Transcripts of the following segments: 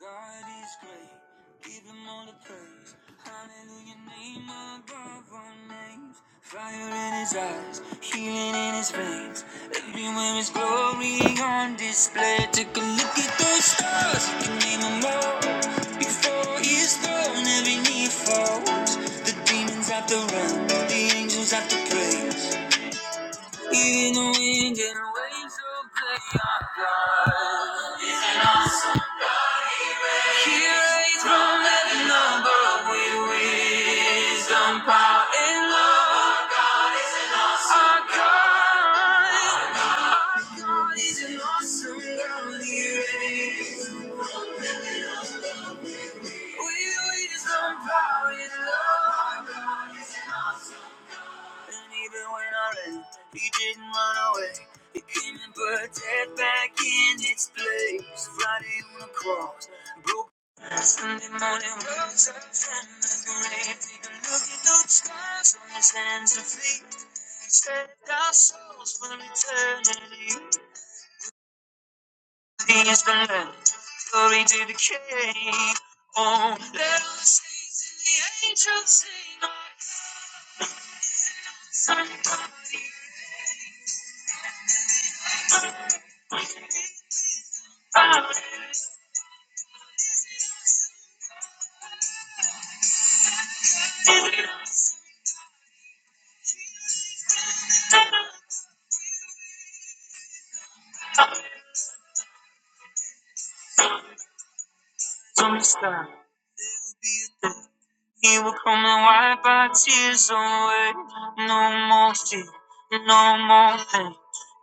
God is great, give him all the praise. Hallelujah, name above all names. Fire in his eyes, healing in his veins. Everywhere His glory on display. Take a look at those stars, you can name them all. Before his throne, every knee falls. The demons have to run, the angels have to praise. Even the wind and waves obey our God. Isn't awesome. He raised from the number with wisdom, power, and love. Our God, our God is an awesome God. He raised with wisdom, power, and love. And even when I ran, he didn't run away. He came and put death back in its place. Friday on the cross, broke Sunday morning rose up from the grave. Take a look at those scars on his hands and feet. He Set our souls for eternity. He has been led, glory to decay. Oh, let us just sit from the sky. There will be a day. He will come and wipe our tears away. No more fear, no more pain,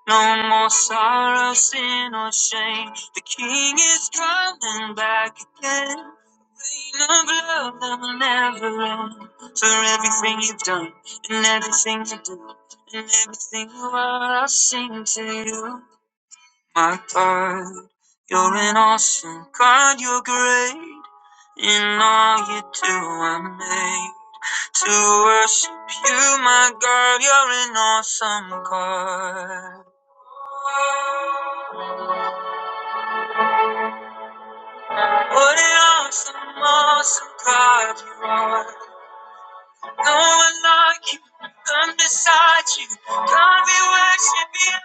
no more sorrow, sin or shame. The King is coming back again. Reign of love that will never end. For everything you've done, and everything you do, and everything you are, I'll sing to you my God. You're an awesome God, you're great. In all you do, I'm made to worship you, my God. You're an awesome God. What an awesome, awesome God you are. No one like you, none beside you. God, we worship you.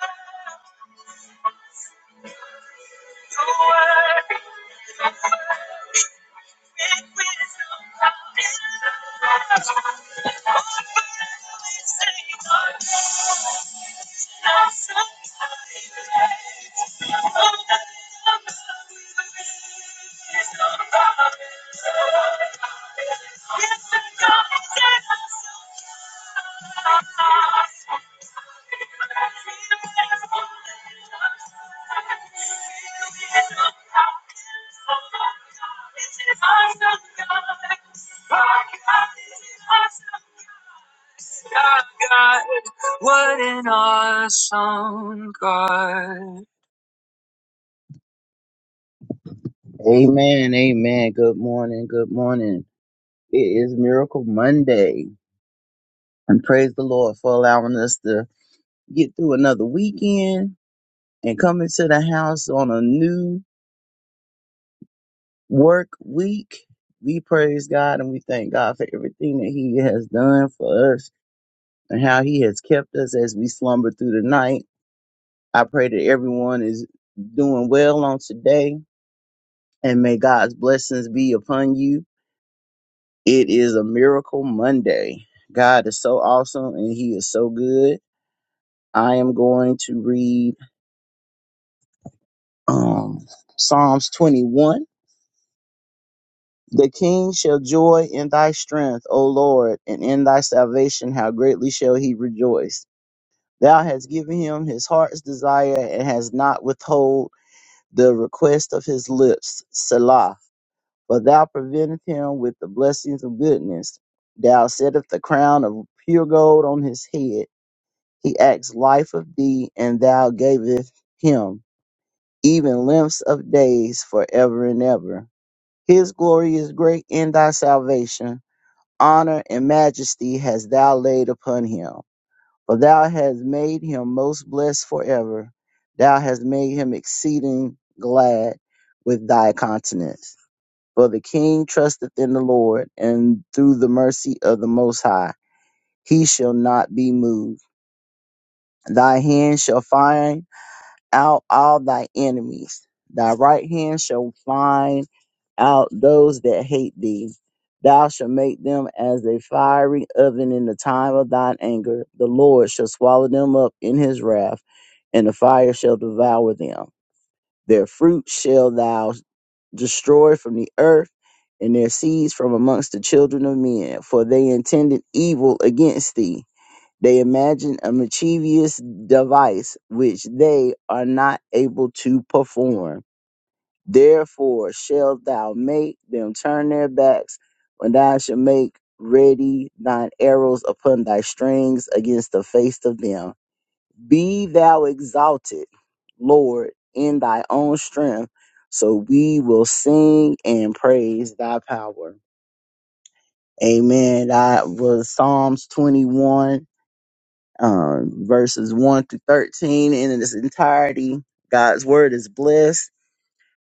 What an awesome God. Amen, amen. Good morning, good morning. It is Miracle Monday. And praise the Lord for allowing us to get through another weekend and come into the house on a new work week. We praise God and we thank God for everything that He has done for us and how He has kept us as we slumber through the night. I pray that everyone is doing well on today and may God's blessings be upon you. It is a miracle Monday. God is so awesome and he is so good. I am going to read um, Psalms 21. The king shall joy in thy strength, O Lord, and in thy salvation how greatly shall he rejoice. Thou hast given him his heart's desire and has not withhold the request of his lips. Selah. For thou preventeth him with the blessings of goodness. Thou settest the crown of pure gold on his head He asked life of thee, and thou gavest him even lengths of days forever and ever. His glory is great in thy salvation. Honor and majesty hast thou laid upon him. For thou hast made him most blessed forever. Thou hast made him exceeding glad with thy countenance. For the king trusteth in the Lord, and through the mercy of the Most High he shall not be moved. Thy hand shall find out all thy enemies. Thy right hand shall find out those that hate thee. Thou shalt make them as a fiery oven in the time of thine anger. The Lord shall swallow them up in his wrath, and the fire shall devour them. Their fruit shall thou destroy from the earth, and their seeds from amongst the children of men, for they intended evil against thee they imagine a mischievous device which they are not able to perform. Therefore shalt thou make them turn their backs when thou shalt make ready thine arrows upon thy strings against the face of them. Be thou exalted, Lord, in thy own strength, so we will sing and praise thy power. Amen. That was Psalms 21 um, verses 1 through 13 in its entirety. God's word is blessed.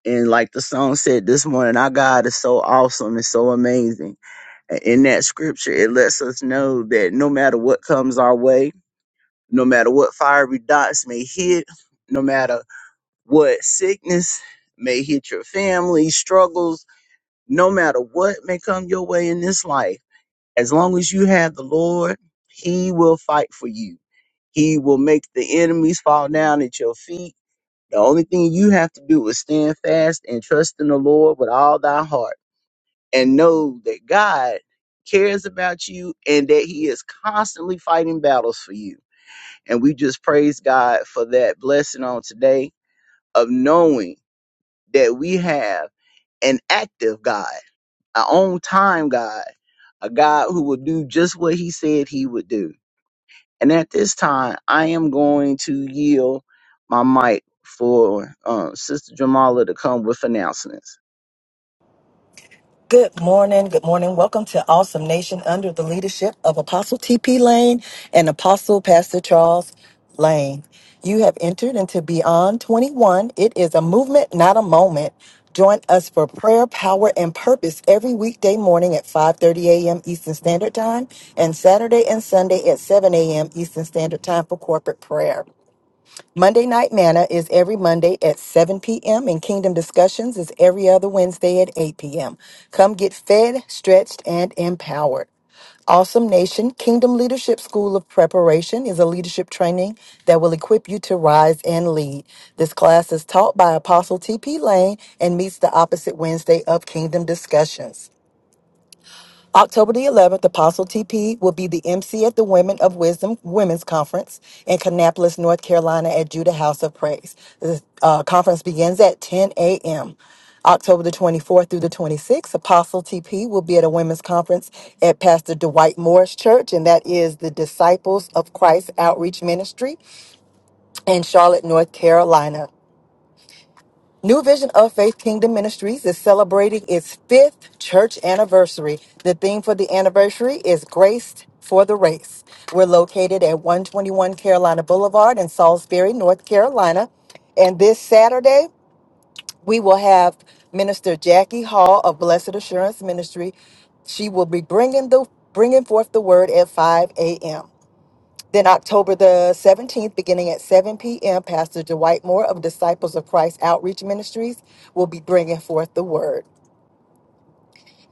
And like the song said this morning, our God is so awesome and so amazing. And In that scripture, it lets us know that no matter what comes our way, no matter what fiery dots may hit, no matter what sickness may hit your family, struggles, no matter what may come your way in this life as long as you have the Lord, He will fight for you. He will make the enemies fall down at your feet. The only thing you have to do is stand fast and trust in the Lord with all thy heart and know that God cares about you and that He is constantly fighting battles for you. And we just praise God for that blessing on today of knowing that we have an active God, our own time God, a God who will do just what He said He would do. And at this time, I am going to yield my mic for uh, Sister Jamala to come with announcements. Good morning. Good morning. Welcome to Awesome Nation under the leadership of Apostle TP Lane and Apostle Pastor Charles Lane. You have entered into Beyond 21. It is a movement, not a moment. Join us for prayer, power, and purpose every weekday morning at 5:30 a.m. Eastern Standard Time and Saturday and Sunday at 7 a.m. Eastern Standard Time for corporate prayer. Monday Night Manna is every Monday at 7 p.m., and Kingdom Discussions is every other Wednesday at 8 p.m. Come get fed, stretched, and empowered. Awesome Nation Kingdom Leadership School of Preparation is a leadership training that will equip you to rise and lead. This class is taught by Apostle T.P. Lane and meets the opposite Wednesday of Kingdom Discussions. October the 11th, Apostle TP will be the MC at the Women of Wisdom Women's Conference in Kannapolis, North Carolina at Judah House of Praise. The uh, conference begins at 10 a.m. October the 24th through the 26th, Apostle TP will be at a women's conference at Pastor Dwight Morris Church, and that is the Disciples of Christ Outreach Ministry in Charlotte, North Carolina. New Vision of Faith Kingdom Ministries is celebrating its fifth church anniversary. The theme for the anniversary is Graced for the Race. We're located at 121 Carolina Boulevard in Salisbury, North Carolina. And this Saturday, we will have Minister Jackie Hall of Blessed Assurance Ministry. She will be bringing the bringing forth the word at 5 a.m. Then October the 17th, beginning at 7 p.m., Pastor Dwight Moore of Disciples of Christ Outreach Ministries will be bringing forth the word.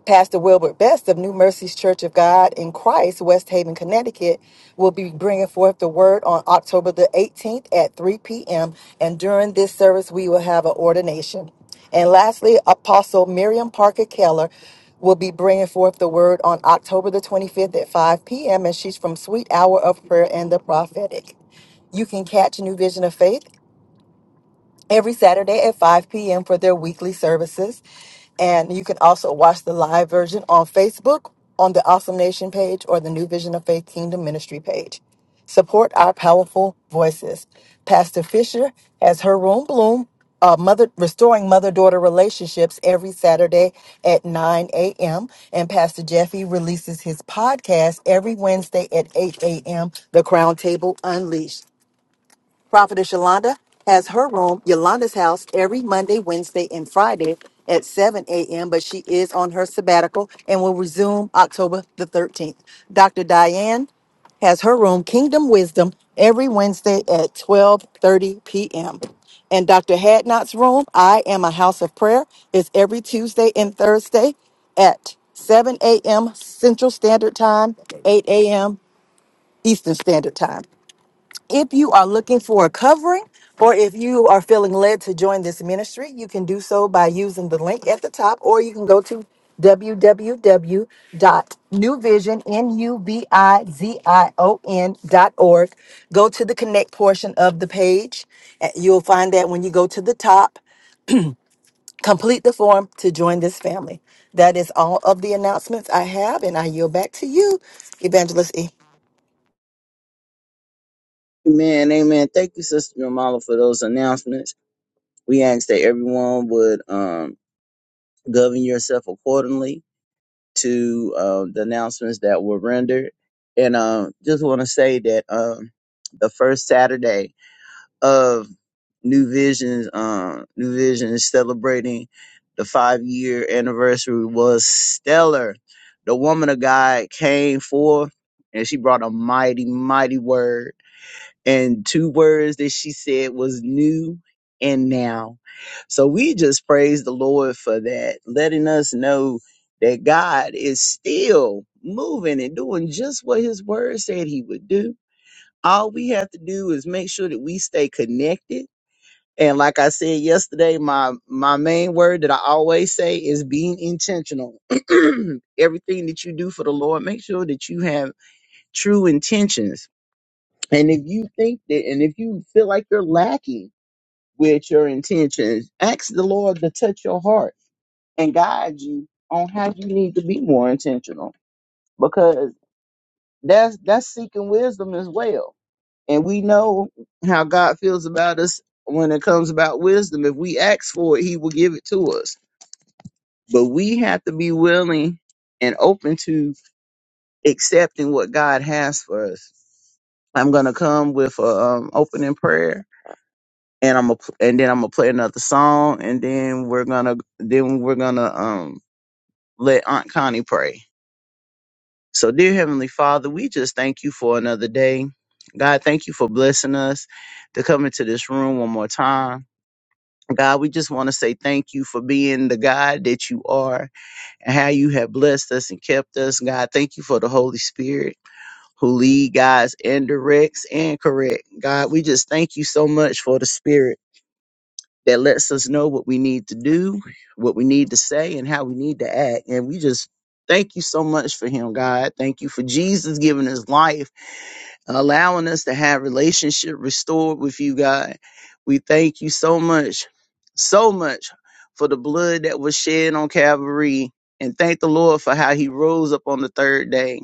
Pastor Wilbert Best of New Mercies Church of God in Christ, West Haven, Connecticut, will be bringing forth the word on October the 18th at 3 p.m. And during this service, we will have an ordination. And lastly, Apostle Miriam Parker Keller will be bringing forth the word on October the 25th at 5 p.m. And she's from Sweet Hour of Prayer and the Prophetic. You can catch New Vision of Faith every Saturday at 5 p.m. for their weekly services. And you can also watch the live version on Facebook on the Awesome Nation page or the New Vision of Faith Kingdom Ministry page. Support our powerful voices. Pastor Fisher has her room bloom, uh, mother restoring mother-daughter relationships every Saturday at 9 a.m. And Pastor Jeffy releases his podcast every Wednesday at 8 a.m. The Crown Table Unleashed. Prophetess Yolanda has her room, Yolanda's house, every Monday, Wednesday, and Friday at 7 a.m., but she is on her sabbatical and will resume October the 13th. Dr. Diane has her room, Kingdom Wisdom, every Wednesday at 12:30 p.m. And Dr. Hadnot's room, I Am a House of Prayer, is every Tuesday and Thursday at 7 a.m. Central Standard Time, 8 a.m. Eastern Standard Time. If you are looking for a covering, or if you are feeling led to join this ministry, you can do so by using the link at the top, or you can go to www.nuvision.org. Go to the connect portion of the page. and You'll find that when you go to the top, complete the form to join this family. That is all of the announcements I have, and I yield back to you, Evangelist E. Amen, amen. Thank you, Sister Jamala, for those announcements. We ask that everyone would um, govern yourself accordingly to uh, the announcements that were rendered. And uh, just want to say that um, the first Saturday of New Vision's um New Vision is celebrating the five year anniversary was stellar. The woman of God came forth and she brought a mighty, mighty word. And two words that she said was new and now. So we just praise the Lord for that, letting us know that God is still moving and doing just what his word said he would do. All we have to do is make sure that we stay connected and like I said yesterday, my my main word that I always say is being intentional. Everything that you do for the Lord, make sure that you have true intentions. And if you think that and if you feel like you're lacking with your intentions, ask the Lord to touch your heart and guide you on how you need to be more intentional because that's that's seeking wisdom as well And we know how God feels about us when it comes about wisdom. If we ask for it, He will give it to us. But we have to be willing and open to accepting what God has for us. I'm gonna come with a um, opening prayer, and I'm a, and then I'm gonna play another song, and then we're gonna then we're gonna um let Aunt Connie pray. So, dear Heavenly Father, we just thank you for another day. God, thank you for blessing us to come into this room one more time. God, we just want to say thank you for being the God that you are and how you have blessed us and kept us. God, thank you for the Holy Spirit who lead, guides, and directs and correct. God, we just thank you so much for the Spirit that lets us know what we need to do, what we need to say, and how we need to act. And we just thank you so much for Him, God. Thank you for Jesus giving His life allowing us to have relationship restored with you, God. We thank you so much, so much for the blood that was shed on Calvary. And thank the Lord for how he rose up on the third day.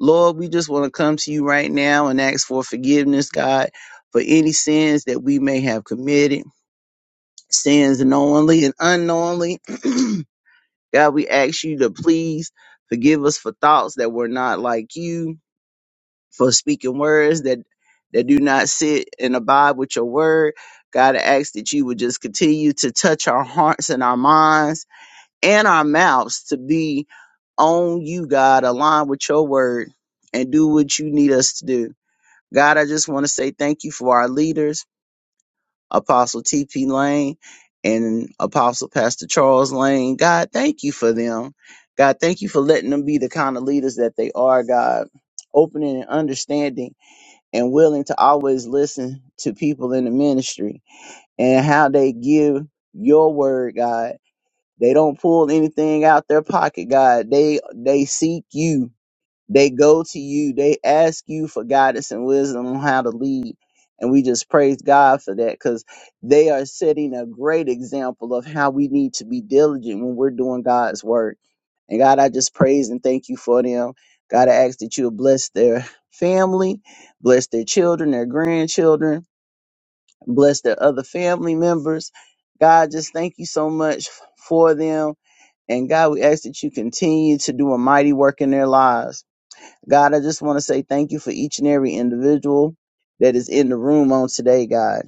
Lord, we just want to come to you right now and ask for forgiveness, God, for any sins that we may have committed, sins knowingly and unknowingly. God, we ask you to please forgive us for thoughts that were not like you for speaking words that that do not sit and abide with your word. God, I ask that you would just continue to touch our hearts and our minds and our mouths to be on you, God, aligned with your word and do what you need us to do. God, I just want to say thank you for our leaders, Apostle T.P. Lane and Apostle Pastor Charles Lane. God, thank you for them. God, thank you for letting them be the kind of leaders that they are, God, opening and understanding and willing to always listen to people in the ministry and how they give your word, God. They don't pull anything out their pocket, God. They they seek you they go to you, they ask you for guidance and wisdom on how to lead. And we just praise God for that because they are setting a great example of how we need to be diligent when we're doing God's work. And God, I just praise and thank you for them. God, I ask that you will bless their family, bless their children, their grandchildren, bless their other family members. God, just thank you so much for them. And God, we ask that you continue to do a mighty work in their lives. God, I just want to say thank you for each and every individual that is in the room on today, God.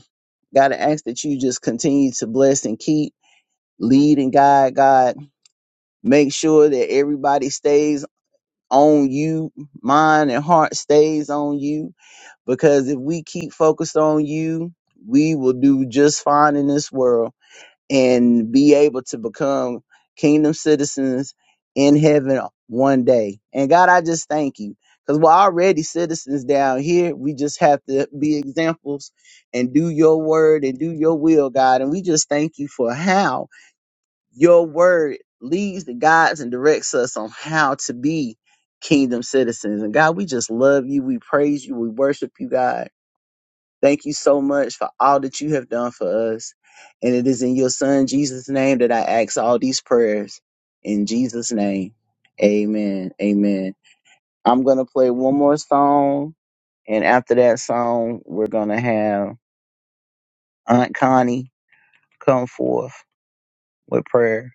God, I ask that you just continue to bless and keep, lead and guide, God. Make sure that everybody stays on you, mind and heart stays on you, because if we keep focused on you, we will do just fine in this world and be able to become kingdom citizens in heaven one day. And God, I just thank you because we're already citizens down here. We just have to be examples and do your word and do your will, God. And we just thank you for how your word leads and guides and directs us on how to be kingdom citizens. And God, we just love you. We praise you. We worship you, God. Thank you so much for all that you have done for us. And it is in your son Jesus' name that I ask all these prayers. In Jesus' name. Amen. Amen. I'm gonna play one more song. And after that song, we're gonna have Aunt Connie come forth with prayer.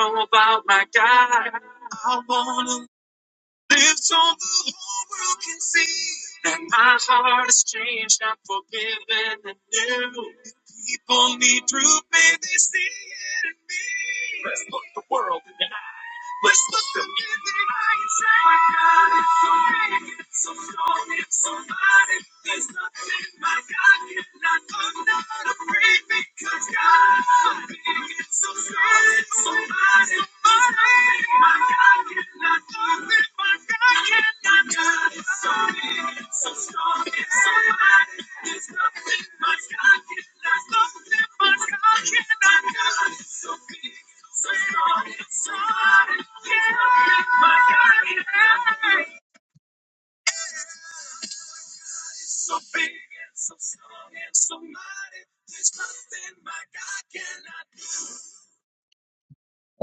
Oh my God.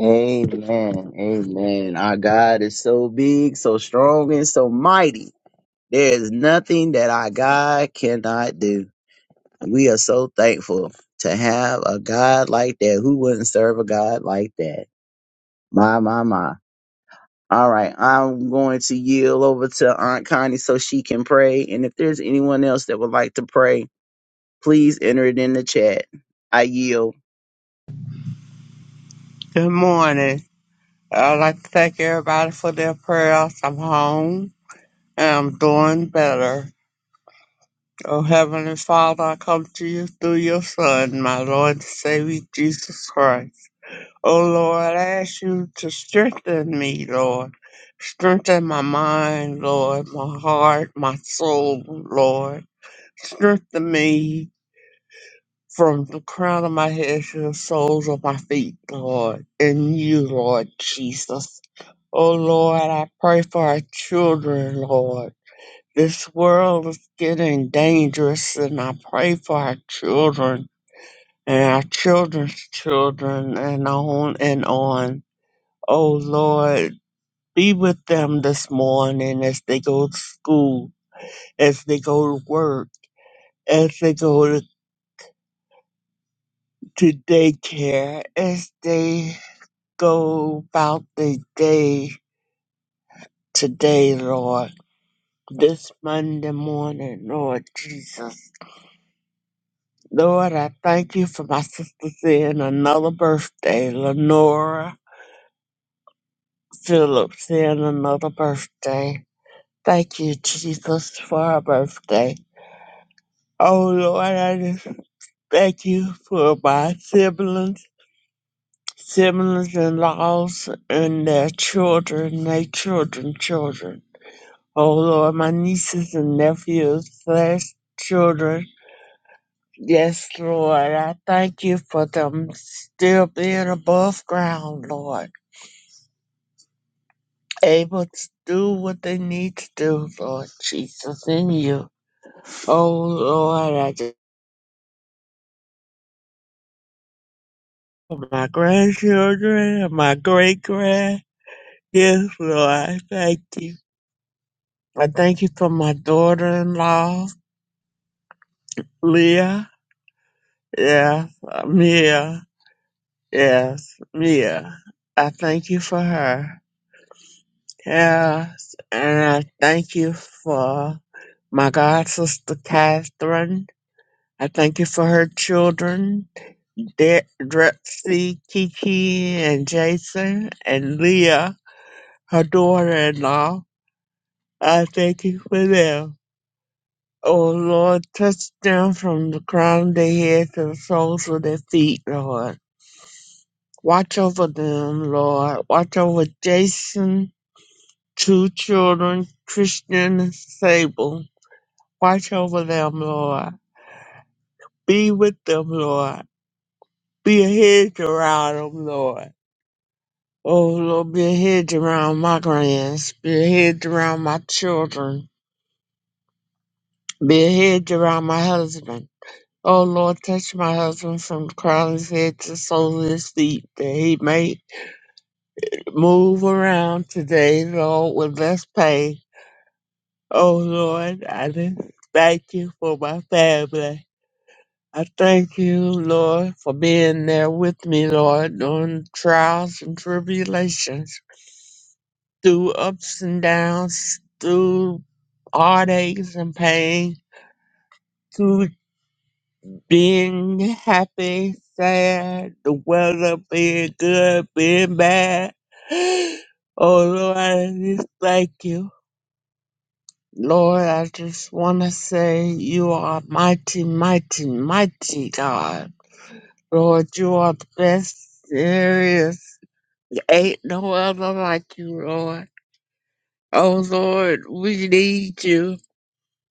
Amen. Amen. Our God is so big, so strong, and so mighty. There is nothing that our God cannot do. We are so thankful to have a God like that. Who wouldn't serve a God like that? My, my, my. All right, I'm going to yield over to Aunt Connie so she can pray. And if there's anyone else that would like to pray, please enter it in the chat. I yield. Good morning. I'd like to thank everybody for their prayers. I'm home and I'm doing better. Oh, Heavenly Father, I come to you through your Son, my Lord and Savior Jesus Christ. Oh, Lord, I ask you to strengthen me, Lord. Strengthen my mind, Lord, my heart, my soul, Lord. Strengthen me, from the crown of my head to the soles of my feet, Lord, in you, Lord Jesus. Oh Lord, I pray for our children, Lord. This world is getting dangerous, and I pray for our children and our children's children and on and on. Oh Lord, be with them this morning as they go to school, as they go to work, as they go to to daycare, as they go about the day today, Lord. This Monday morning, Lord Jesus. Lord, I thank you for my sister seeing another birthday, Lenora Phillips seeing another birthday. Thank you, Jesus, for her birthday. Oh, Lord, I just thank you for my siblings, siblings in laws, and their children, their children, children. Oh Lord, my nieces and nephews slash children. Yes, Lord, I thank you for them still being above ground, Lord. Able to do what they need to do, Lord Jesus, in you. Oh Lord, I just for my grandchildren and my great grand. Yes, Lord, I thank you. I thank you for my daughter in law, Leah. Yes, Mia. Yes, Mia. I thank you for her. Yes, and I thank you for my god sister Catherine. I thank you for her children, De- Drexy, Kiki, and Jason, and Leah, her daughter-in-law. I thank you for them. Oh Lord, touch them from the crown of their head to the soles of their feet, Lord. Watch over them, Lord. Watch over Jason two children, Christian and Sable. Watch over them, Lord. Be with them, Lord. Be a hedge around them, Lord. Oh, Lord, be a hedge around my grands. Be a hedge around my children. Be a hedge around my husband. Oh, Lord, touch my husband from the crown of his head to the sole of his feet, that he may move around today, Lord, with less pain. Oh, Lord, I just thank you for my family. I thank you, Lord, for being there with me, Lord, during trials and tribulations, through ups and downs, through heartaches and pain, through being happy, sad, the weather being good, being bad. Oh, Lord, I just thank you. Lord, I just want to say you are mighty, mighty, mighty God. Lord, you are the best there is. Ain't no other like you, Lord. Oh, Lord, we need you.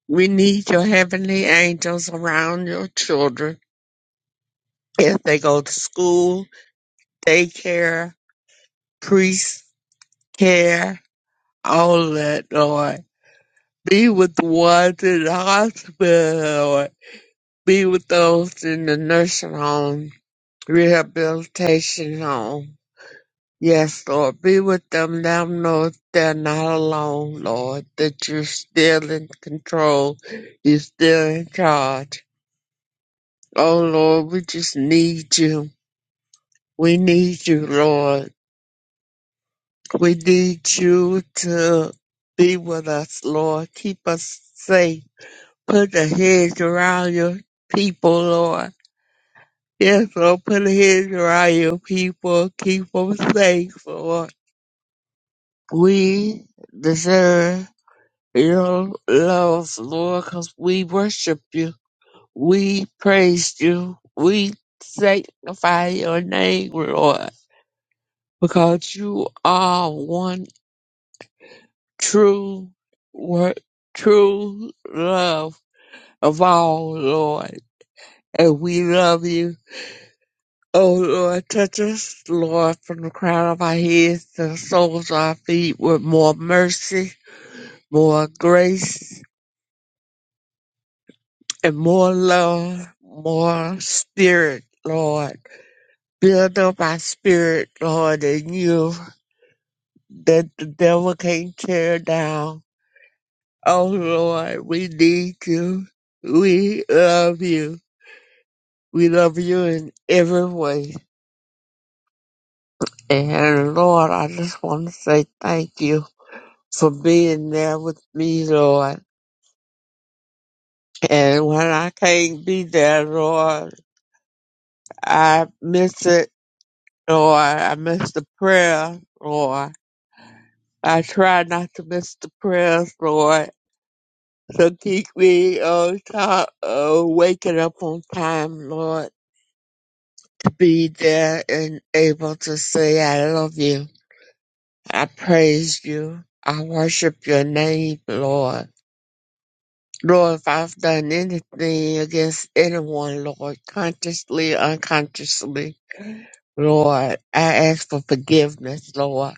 We need your heavenly angels around your children if they go to school, daycare, priest care, all that, Lord. Be with the ones in the hospital, Lord. Be with those in the nursing home, rehabilitation home. Yes, Lord, be with them. Let them know they're not alone, Lord, that you're still in control. You're still in charge. Oh, Lord, we just need you. We need you, Lord. We need you to be with us, Lord. Keep us safe. Put a hedge around your people, Lord. Yes, Lord, put a hedge around your people. Keep them safe, Lord. We deserve. You love us, Lord, because we worship you. We praise you. We sanctify your name, Lord, because you are one true word, true love of all, Lord. And we love you. Oh, Lord, touch us, Lord, from the crown of our heads to the soles of our feet with more mercy, more grace, and more love, more spirit, Lord. Build up our spirit, Lord, in you that the devil can't tear down. Oh, Lord, we need you. We love you. We love you in every way. And Lord, I just want to say thank you for being there with me, Lord. And when I can't be there, Lord, I miss it, Lord. I miss the prayer, Lord. I try not to miss the prayers, Lord. So keep me on top of waking up on time, Lord, to be there and able to say I love you. I praise you. I worship your name, Lord. Lord, if I've done anything against anyone, Lord, consciously, unconsciously, Lord, I ask for forgiveness, Lord.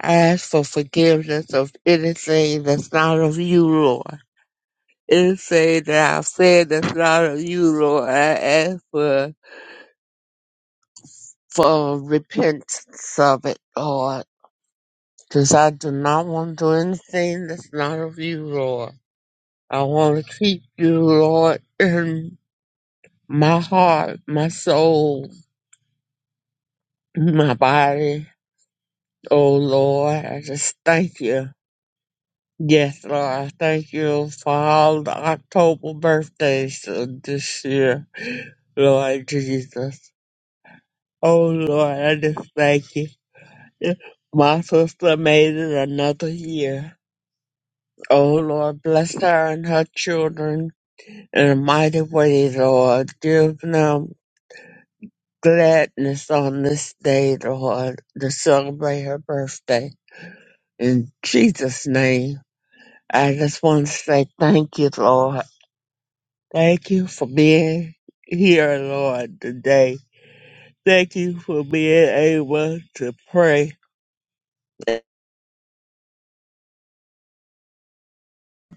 I ask for forgiveness of anything that's not of you, Lord. It say that I've said that's not of you, Lord. I ask for for repentance of it, Lord. Because I do not want to do anything that's not of you, Lord. I want to keep you, Lord, in my heart, my soul, my body. Oh, Lord, I just thank you. Yes, Lord, I thank you for all the October birthdays of this year, Lord Jesus. Oh Lord, I just thank you. My sister made it another year. Oh Lord, bless her and her children in a mighty way, Lord. Give them gladness on this day, Lord, to celebrate her birthday. In Jesus' name, I just want to say thank you, Lord. Thank you for being here, Lord, today. Thank you for being able to pray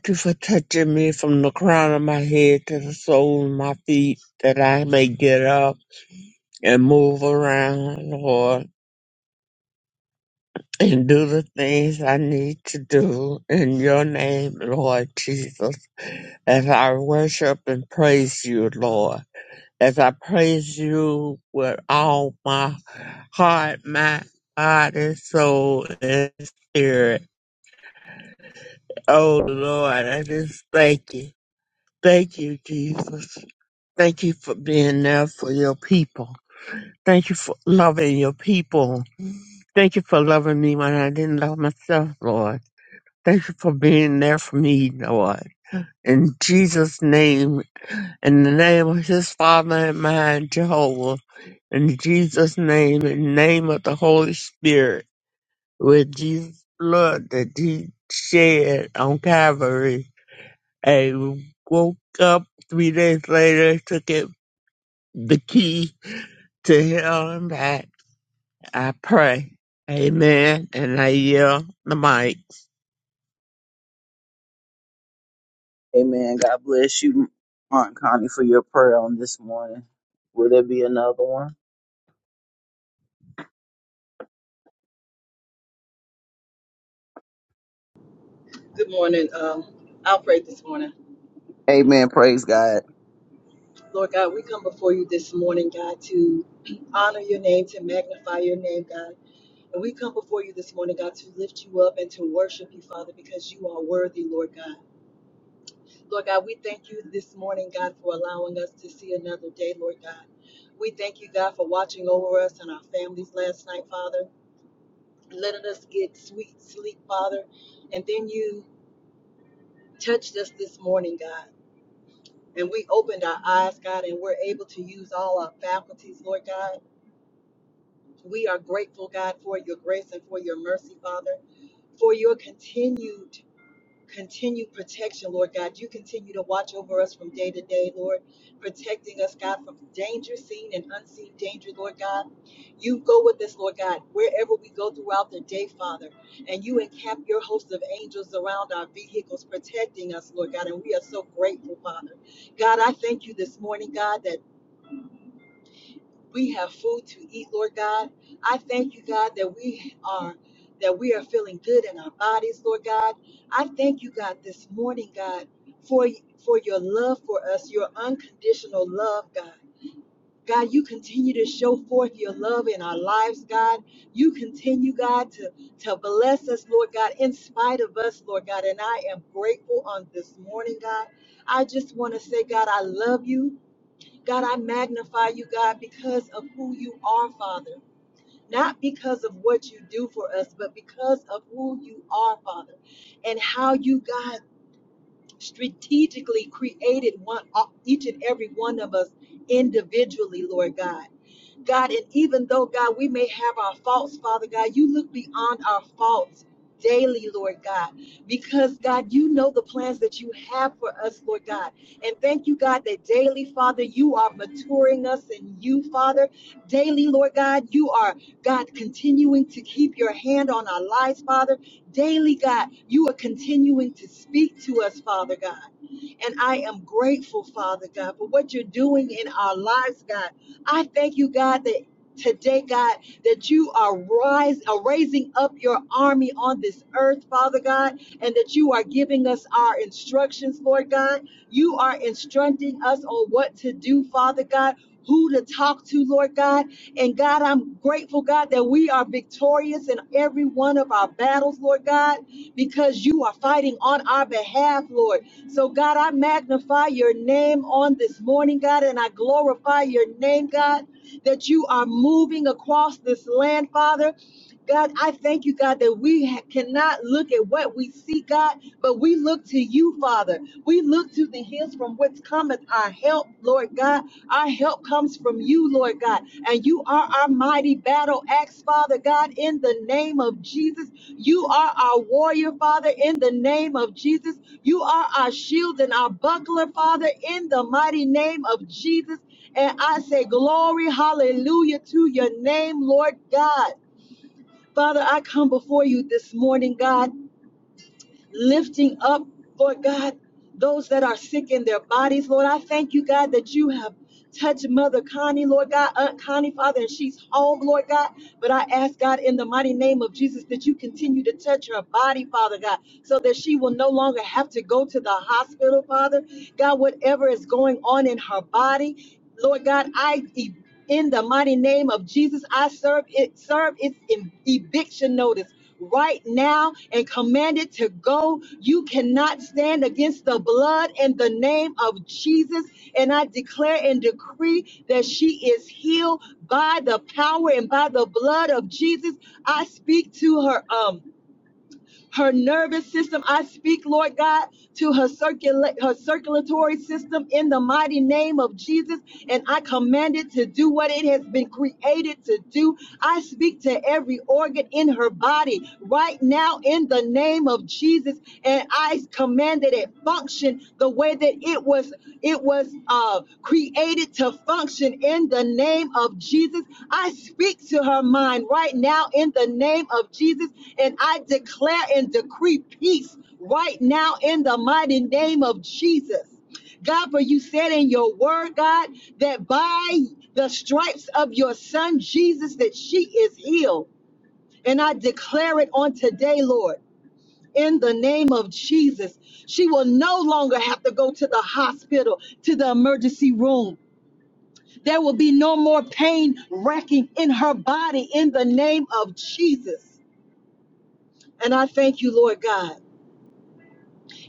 Thank you for touching me from the crown of my head to the sole of my feet, that I may get up and move around, Lord, and do the things I need to do in your name, Lord Jesus. As I worship and praise you, Lord, as I praise you with all my heart, mind, body, soul, and spirit. Oh Lord, I just thank you. Thank you, Jesus. Thank you for being there for your people. Thank you for loving your people. Thank you for loving me when I didn't love myself, Lord. Thank you for being there for me, Lord. In Jesus' name, in the name of his Father and mine, Jehovah, in Jesus' name, in the name of the Holy Spirit, with Jesus' blood that he shed on Calvary, and woke up three days later, took it, the key to hell and back I pray. Amen. And I yield the mic. Amen. God bless you, Aunt Connie, for your prayer on this morning. Will there be another one? Good morning. Um, I'll pray this morning. Amen. Praise God. Lord God, we come before you this morning, God, to honor your name, to magnify your name, God. And we come before you this morning, God, to lift you up and to worship you, Father, because you are worthy, Lord God. Lord God, we thank you this morning, God, for allowing us to see another day, Lord God. We thank you, God, for watching over us and our families last night, Father, letting us get sweet sleep, Father. And then you touched us this morning, God. And we opened our eyes, God, and we're able to use all our faculties, Lord God We are grateful, God, for your grace and for your mercy, Father, for your continued, continued protection, Lord God. You continue to watch over us from day to day, Lord, protecting us, God, from danger seen and unseen danger, Lord God. You go with us, Lord God, wherever we go throughout the day, Father, and you encamp your host of angels around our vehicles, protecting us, Lord God, and we are so grateful, Father. God, I thank you this morning, God, that. We have food to eat, Lord God. I thank you, God, that we are that we are feeling good in our bodies, Lord God. I thank you, God, this morning, God, for for your love for us, your unconditional love, God. God, you continue to show forth your love in our lives, God. You continue, God, to, to bless us, Lord God, in spite of us, Lord God. And I am grateful on this morning, God. I just want to say, God, I love you. God, I magnify you, God, because of who you are, Father. Not because of what you do for us, but because of who you are, Father, and how you, God, strategically created one uh, each and every one of us individually, Lord God. God, and even though, God, we may have our faults, Father God, you look beyond our faults daily, Lord God, because, God, you know the plans that you have for us, Lord God. And thank you, God, that daily, Father, you are maturing us in you, Father. Daily, Lord God, you are, God, continuing to keep your hand on our lives, Father. Daily, God, you are continuing to speak to us, Father God. And I am grateful, Father God, for what you're doing in our lives, God. I thank you, God, that today, God, that you are rise, are raising up your army on this earth, Father God, and that you are giving us our instructions, Lord God. You are instructing us on what to do, Father God. Who to talk to, Lord God. And God, I'm grateful, God, that we are victorious in every one of our battles, Lord God, because you are fighting on our behalf, Lord. So, God, I magnify your name on this morning, God, and I glorify your name, God, that you are moving across this land, Father. God, I thank you, God, that we ha- cannot look at what we see, God, but we look to you, Father. We look to the hills from which cometh our help, Lord God. Our help comes from you, Lord God. And you are our mighty battle axe, Father God, in the name of Jesus. You are our warrior, Father, in the name of Jesus. You are our shield and our buckler, Father, in the mighty name of Jesus. And I say, Glory, hallelujah to your name, Lord God. Father, I come before you this morning, God, lifting up, Lord God, those that are sick in their bodies. Lord, I thank you, God, that you have touched Mother Connie, Lord God, Aunt Connie, Father, and she's home, Lord God. But I ask, God, in the mighty name of Jesus, that you continue to touch her body, Father God, so that she will no longer have to go to the hospital, Father. God, whatever is going on in her body, Lord God, I in the mighty name of Jesus, I serve it serve its eviction notice right now and commanded to go. You cannot stand against the blood in the name of Jesus. And I declare and decree that she is healed by the power and by the blood of Jesus. I speak to her. Um, her nervous system. I speak, Lord God, to her circulate her circulatory system in the mighty name of Jesus. And I command it to do what it has been created to do. I speak to every organ in her body right now in the name of Jesus. And I command command that it function the way that it was it was uh, created to function in the name of Jesus. I speak to her mind right now in the name of Jesus, and I declare and decree peace right now in the mighty name of Jesus. God, for you said in your word, God, that by the stripes of your son Jesus, that she is healed. And I declare it on today, Lord in the name of Jesus. She will no longer have to go to the hospital, to the emergency room. There will be no more pain racking in her body in the name of Jesus. And I thank you, Lord God.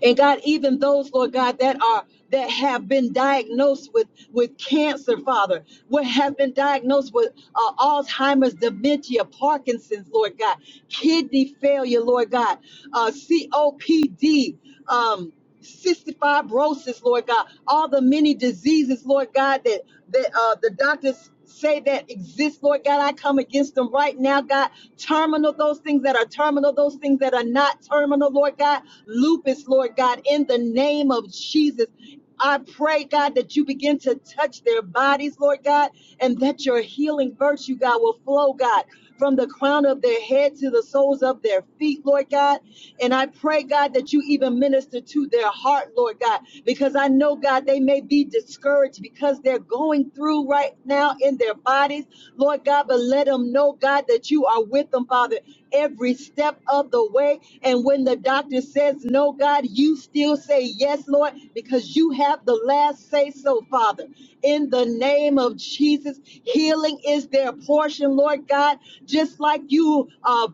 And God, even those, Lord God, that are that have been diagnosed with with cancer, Father, what have been diagnosed with uh, Alzheimer's, dementia, Parkinson's, Lord God, kidney failure, Lord God, uh, COPD, um, cystic fibrosis, Lord God, all the many diseases, Lord God, that that uh, the doctors say that exist, Lord God, I come against them right now, God. Terminal, those things that are terminal, those things that are not terminal, Lord God lupus, Lord God, in the name of Jesus. I pray, God, that you begin to touch their bodies, Lord God, and that your healing virtue, God, will flow, God, from the crown of their head to the soles of their feet, Lord God. And I pray, God, that you even minister to their heart, Lord God, because I know, God, they may be discouraged because they're going through right now in their bodies, Lord God, but let them know, God, that you are with them, Father, every step of the way, and when the doctor says no, God, you still say yes, Lord, because you have the last say so, Father. In the name of Jesus, healing is their portion, Lord God. Just like you uh,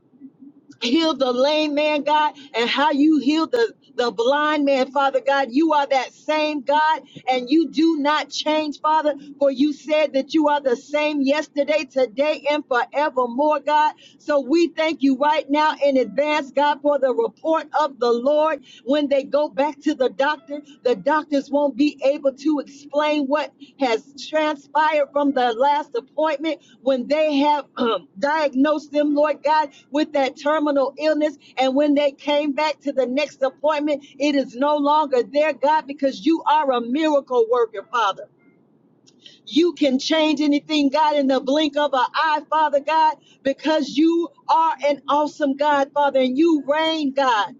heal the lame man, God, and how you heal the, the blind man, Father God. You are that same God, and you do not change, Father, for you said that you are the same yesterday, today, and forevermore, God. So we thank you right now in advance, God, for the report of the Lord when they go back to the doctor. The Doctors won't be able to explain what has transpired from the last appointment when they have um, diagnosed them, Lord God, with that terminal illness. And when they came back to the next appointment, it is no longer there, God, because you are a miracle worker, Father. You can change anything, God, in the blink of an eye, Father God, because you are an awesome God, Father, and you reign, God.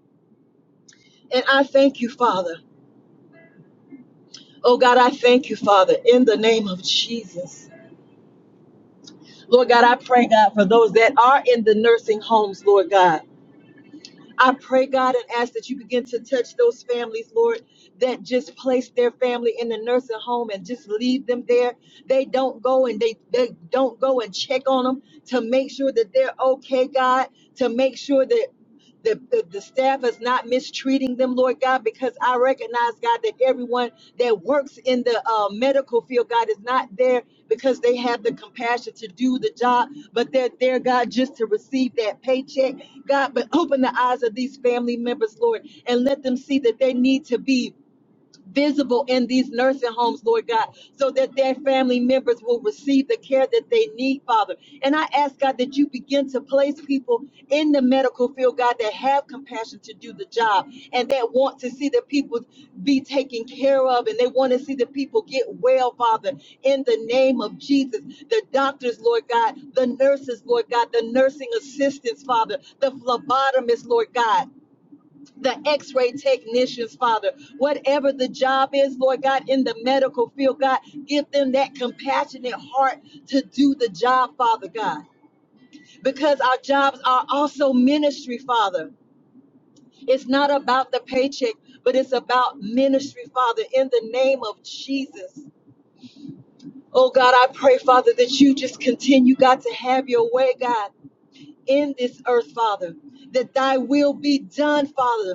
And I thank you, Father. Oh God, I thank you, Father, in the name of Jesus. Lord God, I pray, God, for those that are in the nursing homes, Lord God. I pray, God, and ask that you begin to touch those families, Lord, that just place their family in the nursing home and just leave them there. They don't go and they, they don't go and check on them to make sure that they're okay, God, to make sure that the, the, the staff is not mistreating them, Lord God, because I recognize, God, that everyone that works in the uh, medical field, God, is not there because they have the compassion to do the job, but they're there, God, just to receive that paycheck. God, but open the eyes of these family members, Lord, and let them see that they need to be visible in these nursing homes, Lord God, so that their family members will receive the care that they need, Father. And I ask, God, that you begin to place people in the medical field, God, that have compassion to do the job and that want to see the people be taken care of and they want to see the people get well, Father, in the name of Jesus. The doctors, Lord God, the nurses, Lord God, the nursing assistants, Father, the phlebotomists, Lord God the x-ray technicians, Father, whatever the job is, Lord God, in the medical field, God, give them that compassionate heart to do the job, Father God, because our jobs are also ministry, Father. It's not about the paycheck, but it's about ministry, Father, in the name of Jesus. Oh God, I pray, Father, that you just continue, God, to have your way, God, in this earth, Father, that thy will be done, Father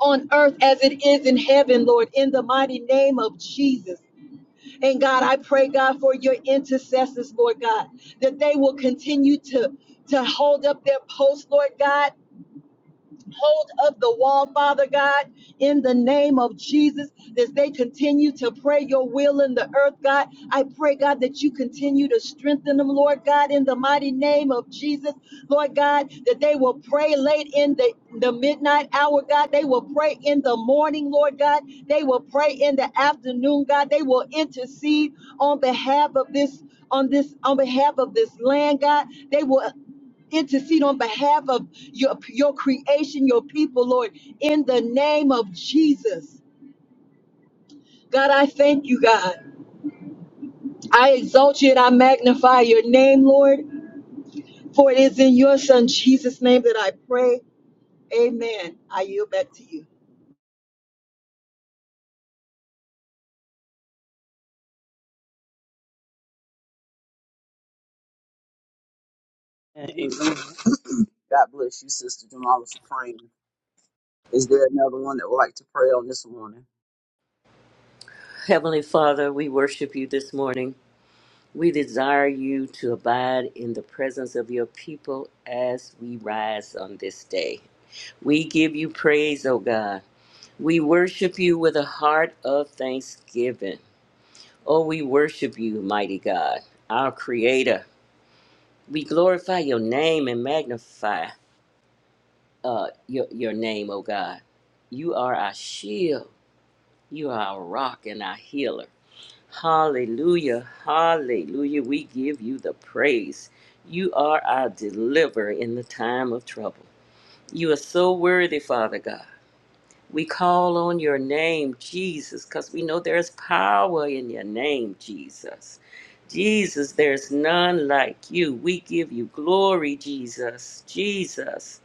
on earth as it is in heaven, Lord, in the mighty name of Jesus. And God, I pray, God, for your intercessors, Lord God, that they will continue to, to hold up their post, Lord God, hold of the wall, Father God, in the name of Jesus, as they continue to pray your will in the earth, God. I pray, God, that you continue to strengthen them, Lord God, in the mighty name of Jesus, Lord God, that they will pray late in the, the midnight hour, God. They will pray in the morning, Lord God. They will pray in the afternoon, God. They will intercede on behalf of this on this on behalf of this land, God. They will intercede on behalf of your, your creation, your people, Lord, in the name of Jesus. God, I thank you, God. I exalt you and I magnify your name, Lord, for it is in your Son, Jesus' name, that I pray. Amen. I yield back to you. Amen. God bless you, Sister Jamala, for praying. Is there another one that would like to pray on this morning? Heavenly Father, we worship you this morning. We desire you to abide in the presence of your people as we rise on this day. We give you praise, O God. We worship you with a heart of thanksgiving. Oh, we worship you, mighty God, our Creator. We glorify your name and magnify uh, your, your name, O God. You are our shield, you are our rock and our healer. Hallelujah. Hallelujah. We give you the praise. You are our deliverer in the time of trouble. You are so worthy, Father God. We call on your name, Jesus, because we know there's power in your name, Jesus. Jesus, there's none like you. We give you glory, Jesus. Jesus.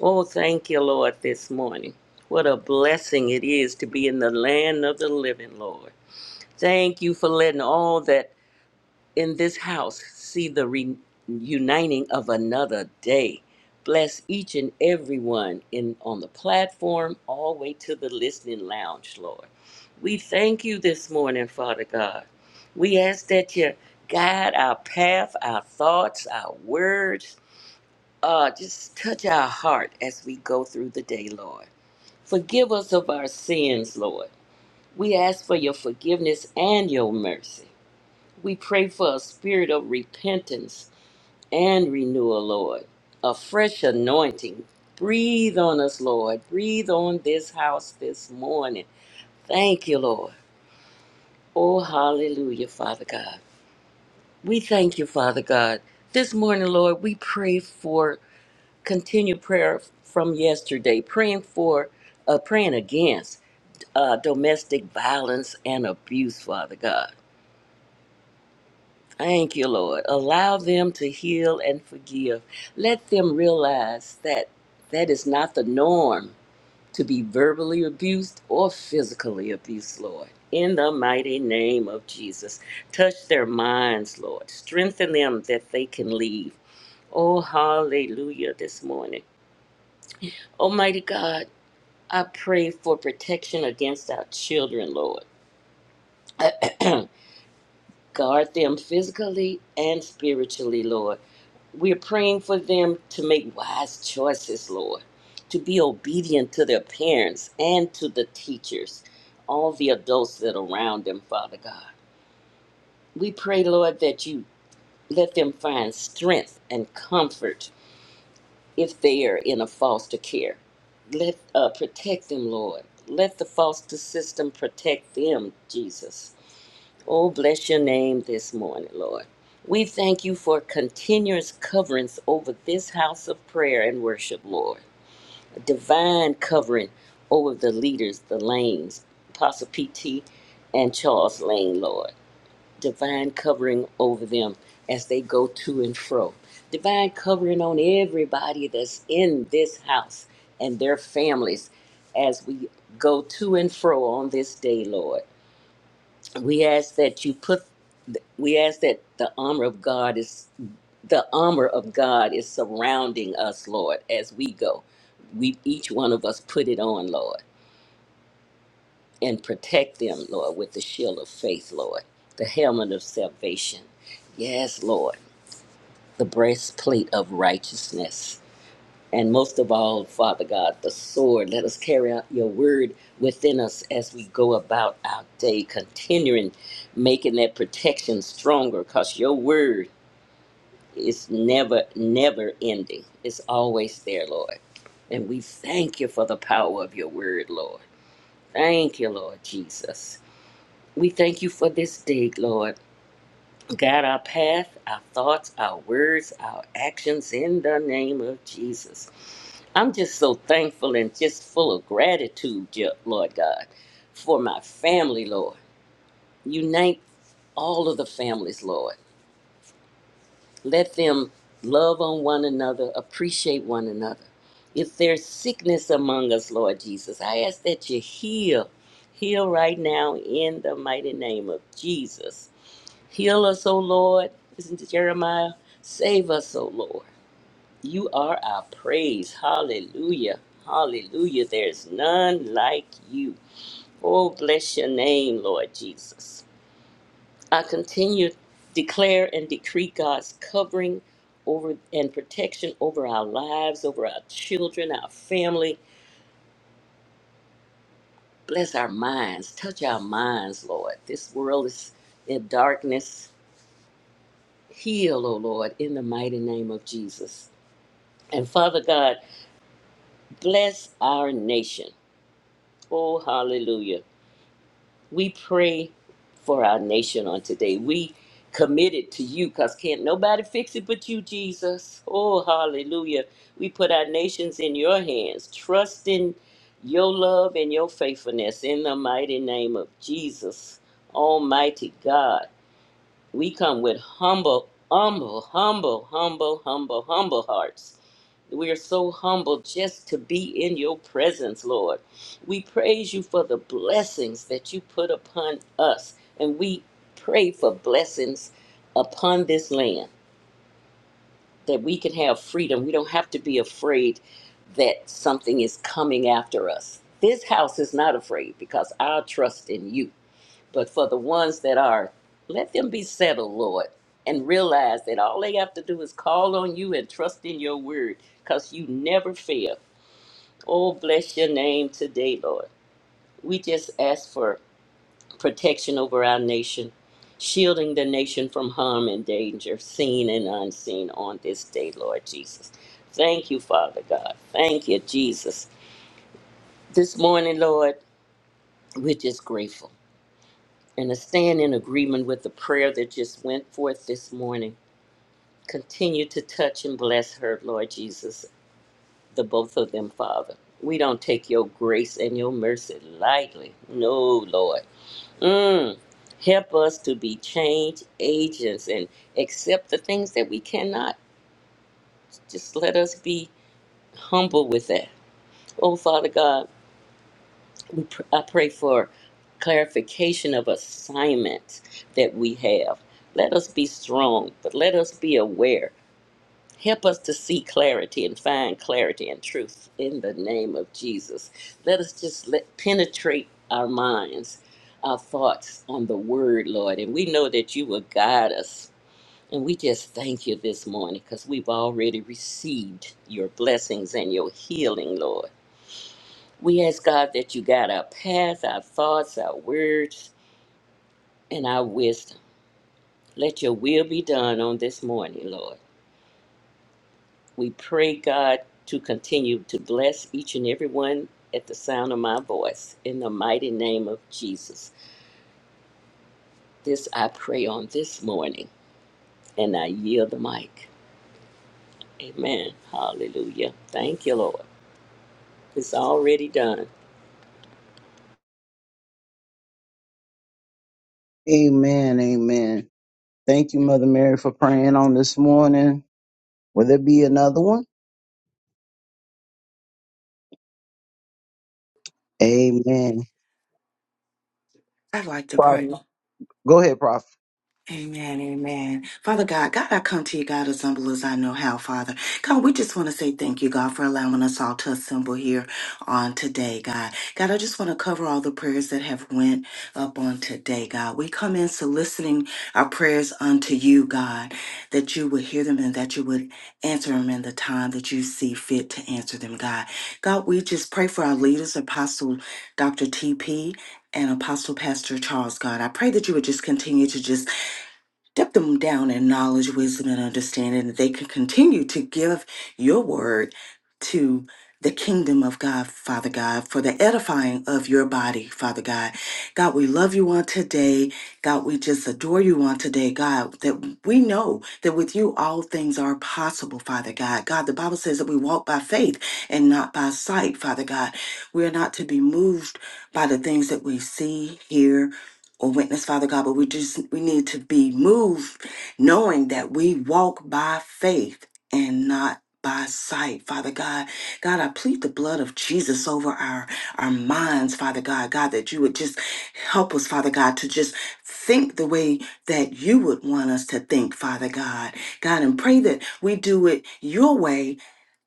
Oh, thank you, Lord, this morning. What a blessing it is to be in the land of the living, Lord. Thank you for letting all that in this house see the reuniting of another day. Bless each and every one in on the platform, all the way to the listening lounge, Lord. We thank you this morning, Father God. We ask that you guide our path, our thoughts, our words. Uh, just touch our heart as we go through the day, Lord. Forgive us of our sins, Lord. We ask for your forgiveness and your mercy. We pray for a spirit of repentance and renewal, Lord. A fresh anointing. Breathe on us, Lord. Breathe on this house this morning. Thank you, Lord. Oh, hallelujah, Father God. We thank you, Father God. This morning, Lord, we pray for continued prayer from yesterday, praying for, uh, praying against uh, domestic violence and abuse, Father God. Thank you, Lord. Allow them to heal and forgive. Let them realize that that is not the norm to be verbally abused or physically abused, Lord. In the mighty name of Jesus, touch their minds, Lord. Strengthen them that they can leave. Oh, hallelujah, this morning. Almighty God, I pray for protection against our children, Lord. Guard them physically and spiritually, Lord. We are praying for them to make wise choices, Lord, to be obedient to their parents and to the teachers, all the adults that are around them, Father God. We pray, Lord, that you let them find strength and comfort if they are in a foster care. Let uh, protect them, Lord. Let the foster system protect them, Jesus Oh, bless your name this morning, Lord. We thank you for continuous coverings over this house of prayer and worship, Lord. A divine covering over the leaders, the lanes, Apostle PT and Charles Lane, Lord. Divine covering over them as they go to and fro. Divine covering on everybody that's in this house and their families as we go to and fro on this day, Lord. We ask that you put we ask that the armor of God is the armor of God is surrounding us, Lord, as we go. We each one of us put it on, Lord, and protect them, Lord, with the shield of faith, Lord, the helmet of salvation. Yes, Lord, the breastplate of righteousness. And most of all, Father God, the sword. Let us carry out your word within us as we go about our day, continuing making that protection stronger, because your word It's never, never ending. It's always there, Lord. And we thank you for the power of your word, Lord. Thank you, Lord Jesus. We thank you for this day, Lord. Guide our path, our thoughts, our words, our actions in the name of Jesus. I'm just so thankful and just full of gratitude, Je- Lord God, for my family, Lord. Unite all of the families, Lord Let them love on one another, appreciate one another. If there's sickness among us, Lord Jesus, I ask that you heal. Heal right now in the mighty name of Jesus. Heal us, O Lord. Listen to Jeremiah. Save us, O Lord. You are our praise. Hallelujah. Hallelujah. There's none like you. Oh, bless your name, Lord Jesus. I continue to declare and decree God's covering over and protection over our lives, over our children, our family. Bless our minds. Touch our minds, Lord. This world is in darkness. Heal, O Lord, in the mighty name of Jesus. And Father God, bless our nation. Oh, hallelujah. We pray for our nation on today. We commit it to you because can't nobody fix it but you, Jesus. Oh, hallelujah. We put our nations in your hands, trusting your love and your faithfulness in the mighty name of Jesus, Almighty God. We come with humble, humble, humble, humble, humble, humble hearts. We are so humble just to be in your presence, Lord. We praise you for the blessings that you put upon us, and we pray for blessings upon this land that we can have freedom. We don't have to be afraid that something is coming after us. This house is not afraid because our trust in you. But for the ones that are, let them be settled, Lord, and realize that all they have to do is call on you and trust in your word because you never fail. Oh, bless your name today, Lord. We just ask for protection over our nation, shielding the nation from harm and danger, seen and unseen on this day, Lord Jesus. Thank you, Father God. Thank you, Jesus. This morning, Lord, we're just grateful. and I stand in agreement with the prayer that just went forth this morning. Continue to touch and bless her, Lord Jesus, the both of them, Father. We don't take your grace and your mercy lightly. No, Lord. Mm. Help us to be change agents and accept the things that we cannot. Just let us be humble with that. Oh, Father God. we pr- I pray for clarification of assignments that we have. Let us be strong, but let us be aware. Help us to see clarity and find clarity and truth in the name of Jesus. Let us just let penetrate our minds, our thoughts on the word, Lord. And we know that you will guide us. And we just thank you this morning because we've already received your blessings and your healing, Lord. We ask God that you guide our path, our thoughts, our words, and our wisdom. Let your will be done on this morning, Lord. We pray, God, to continue to bless each and every one at the sound of my voice. In the mighty name of Jesus. This I pray on this morning, and I yield the mic. Amen. Hallelujah. Thank you, Lord. It's already done. Amen. Amen. Thank you, Mother Mary, for praying on this morning. Will there be another one? Amen. I'd like to pray. Prophet. Go ahead, Prophet. Amen, amen. Father God, God, I come to you, God, as humble as I know how, Father. God, we just want to say thank you, God, for allowing us all to assemble here on today, God. God, I just want to cover all the prayers that have went up on today, God. We come in soliciting our prayers unto you, God, that you would hear them and that you would answer them in the time that you see fit to answer them, God. God, we just pray for our leaders, Apostle Dr. TP, and Apostle Pastor Charles, God, I pray that you would just continue to just Dip them down in knowledge, wisdom, and understanding that they can continue to give your word to the kingdom of God, Father God, for the edifying of your body, Father God. God, we love you on today. God, we just adore you on today, God, that we know that with you all things are possible, Father God. God, the Bible says that we walk by faith and not by sight, Father God. We are not to be moved by the things that we see, hear, or witness, Father God, but we just we need to be moved, knowing that we walk by faith and not by sight, Father God. God, I plead the blood of Jesus over our our minds, Father God. God, that you would just help us, Father God, to just think the way that you would want us to think, Father God. God, and pray that we do it your way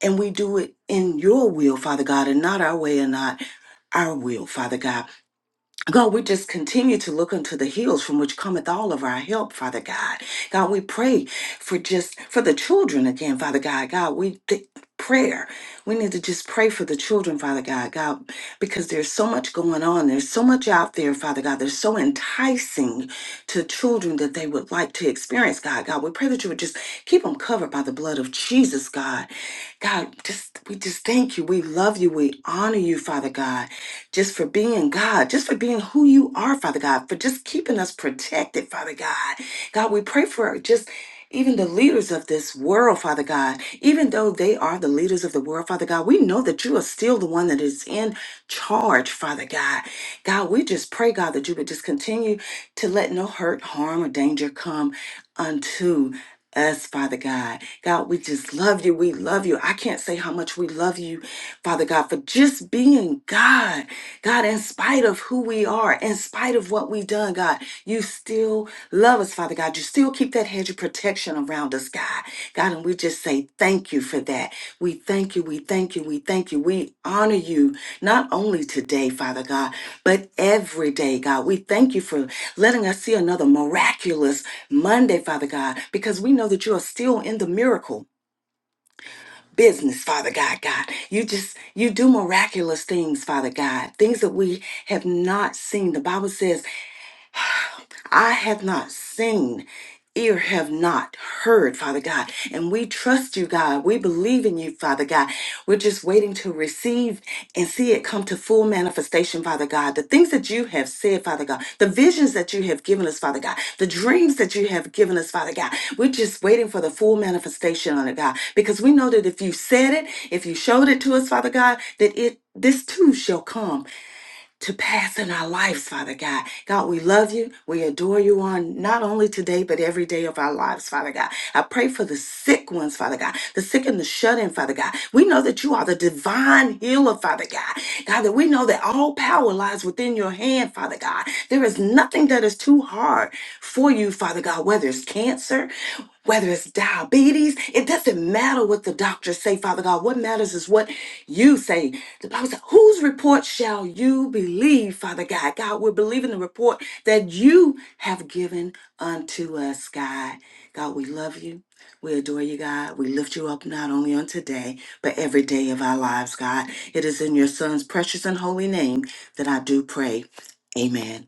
and we do it in your will, Father God, and not our way and not our will, Father God. God, we just continue to look unto the hills from which cometh all of our help, Father God. God, we pray for just for the children again, Father God. God, we th- prayer. We need to just pray for the children, Father God. God, because there's so much going on. There's so much out there, Father God. There's so enticing to children that they would like to experience, God. God, we pray that you would just keep them covered by the blood of Jesus, God. God, just we just thank you. We love you. We honor you, Father God, just for being God, just for being who you are, Father God, for just keeping us protected, Father God. God, we pray for just even the leaders of this world, Father God, even though they are the leaders of the world, Father God, we know that you are still the one that is in charge, Father God. God, we just pray, God, that you would just continue to let no hurt, harm, or danger come unto us, Father God. God, we just love you. We love you. I can't say how much we love you, Father God, for just being God. God, in spite of who we are, in spite of what we've done, God, you still love us, Father God. You still keep that hedge of protection around us, God. God, and we just say thank you for that. We thank you, we thank you, we thank you. We honor you not only today, Father God, but every day, God. We thank you for letting us see another miraculous Monday, Father God, because we know that you are still in the miracle business, Father God, God. You just, you do miraculous things, Father God, things that we have not seen. The Bible says I have not seen, ear have not heard, Father God. And we trust you, God. We believe in you, Father God. We're just waiting to receive and see it come to full manifestation, Father God. The things that you have said, Father God, the visions that you have given us, Father God, the dreams that you have given us, Father God. We're just waiting for the full manifestation on it, God, because we know that if you said it, if you showed it to us, Father God, that it this too shall come to pass in our lives, Father God. God, we love you. We adore you on not only today, but every day of our lives, Father God. I pray for the sick ones, Father God, the sick and the shut in, Father God. We know that you are the divine healer, Father God. God, that we know that all power lies within your hand, Father God. There is nothing that is too hard for you, Father God, whether it's cancer, whether it's diabetes, it doesn't matter what the doctors say, Father God. What matters is what you say. The Bible says, whose report shall you believe, Father God? God, we're believing the report that you have given unto us, God. God, we love you. We adore you, God. We lift you up not only on today, but every day of our lives, God. It is in your Son's precious and holy name that I do pray. Amen.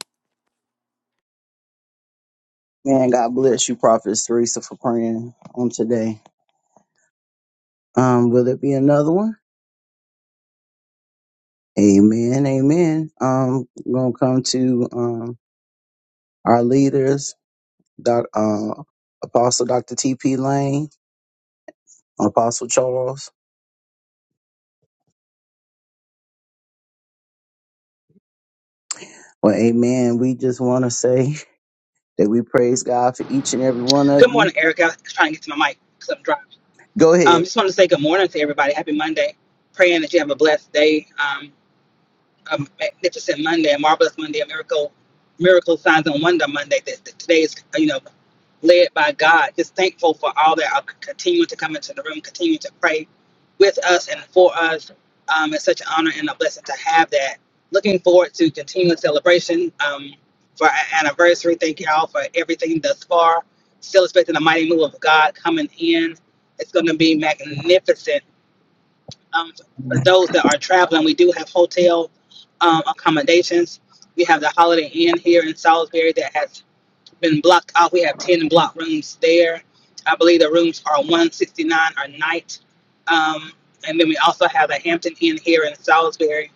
Man, God bless you, Prophet Teresa, for praying on today. Um, will there be another one? Amen. Amen. Um, we're gonna come to um our leaders, Doc, uh, Apostle Dr. T.P. Lane, Apostle Charles. Well, Amen. We just want to say. that we praise God for each and every one of Good morning, you. Erica. I was trying to get to my mic because I'm driving. Go Um, ahead. just want to say good morning to everybody. Happy Monday. Praying that you have a blessed day. Um, a magnificent Monday, a marvelous Monday, a miracle, miracle signs and wonder Monday. That, that today is, you know led by God. Just thankful for all that are continuing to come into the room, continuing to pray with us and for us. Um, it's such an honor and a blessing to have that. Looking forward to continued celebration um, for our anniversary. Thank you all for everything thus far. Still expecting the mighty move of God coming in. It's going to be magnificent. Um, for those that are traveling, we do have hotel um, accommodations. We have the Holiday Inn here in Salisbury that has been blocked out. We have 10 block rooms there. I believe the rooms are 169 a night. Um, and then we also have a Hampton Inn here in Salisbury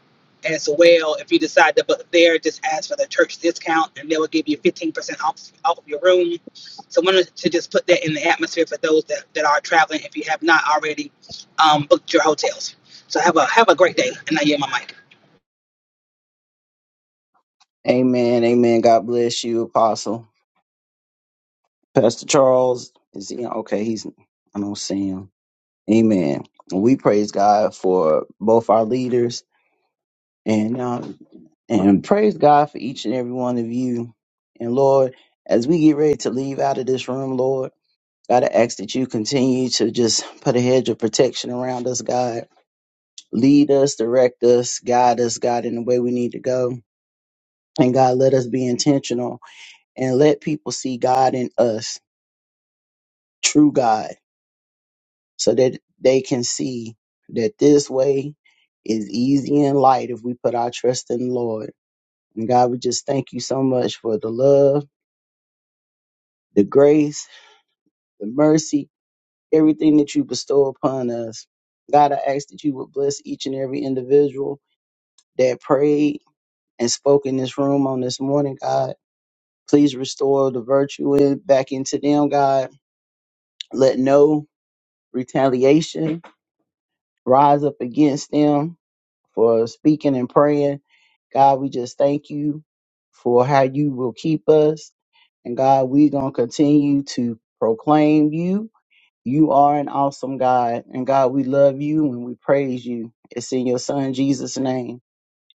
as well. If you decide to book there, just ask for the church discount and they will give you 15% off, off of your room. So I wanted to just put that in the atmosphere for those that, that are traveling if you have not already um, booked your hotels. So have a have a great day and I yield my mic. Amen. Amen. God bless you, Apostle. Pastor Charles, is he okay? He's I don't see him. Amen. We praise God for both our leaders and um, and praise God for each and every one of you. And Lord, as we get ready to leave out of this room, Lord, God, I ask that you continue to just put a hedge of protection around us, God. Lead us, direct us, guide us, God, in the way we need to go. And God, let us be intentional and let people see God in us, true God, so that they can see that this way is easy and light if we put our trust in the Lord. And God, we just thank you so much for the love, the grace, the mercy, everything that you bestow upon us. God, I ask that you would bless each and every individual that prayed and spoke in this room on this morning, God. Please restore the virtue in, back into them, God let no retaliation rise up against them for speaking and praying. God, we just thank you for how you will keep us. And God, we're going to continue to proclaim you. You are an awesome God. And God, we love you and we praise you. It's in your son, Jesus' name.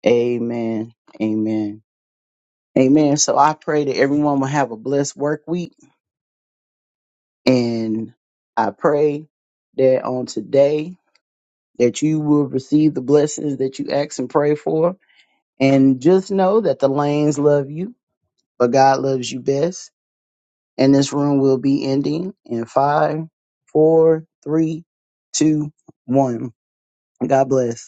Amen. Amen. Amen. So I pray that everyone will have a blessed work week. And I pray that on today, that you will receive the blessings that you ask and pray for. And just know that the lanes love you, but God loves you best. And this room will be ending in five, four, three, two, one. God bless.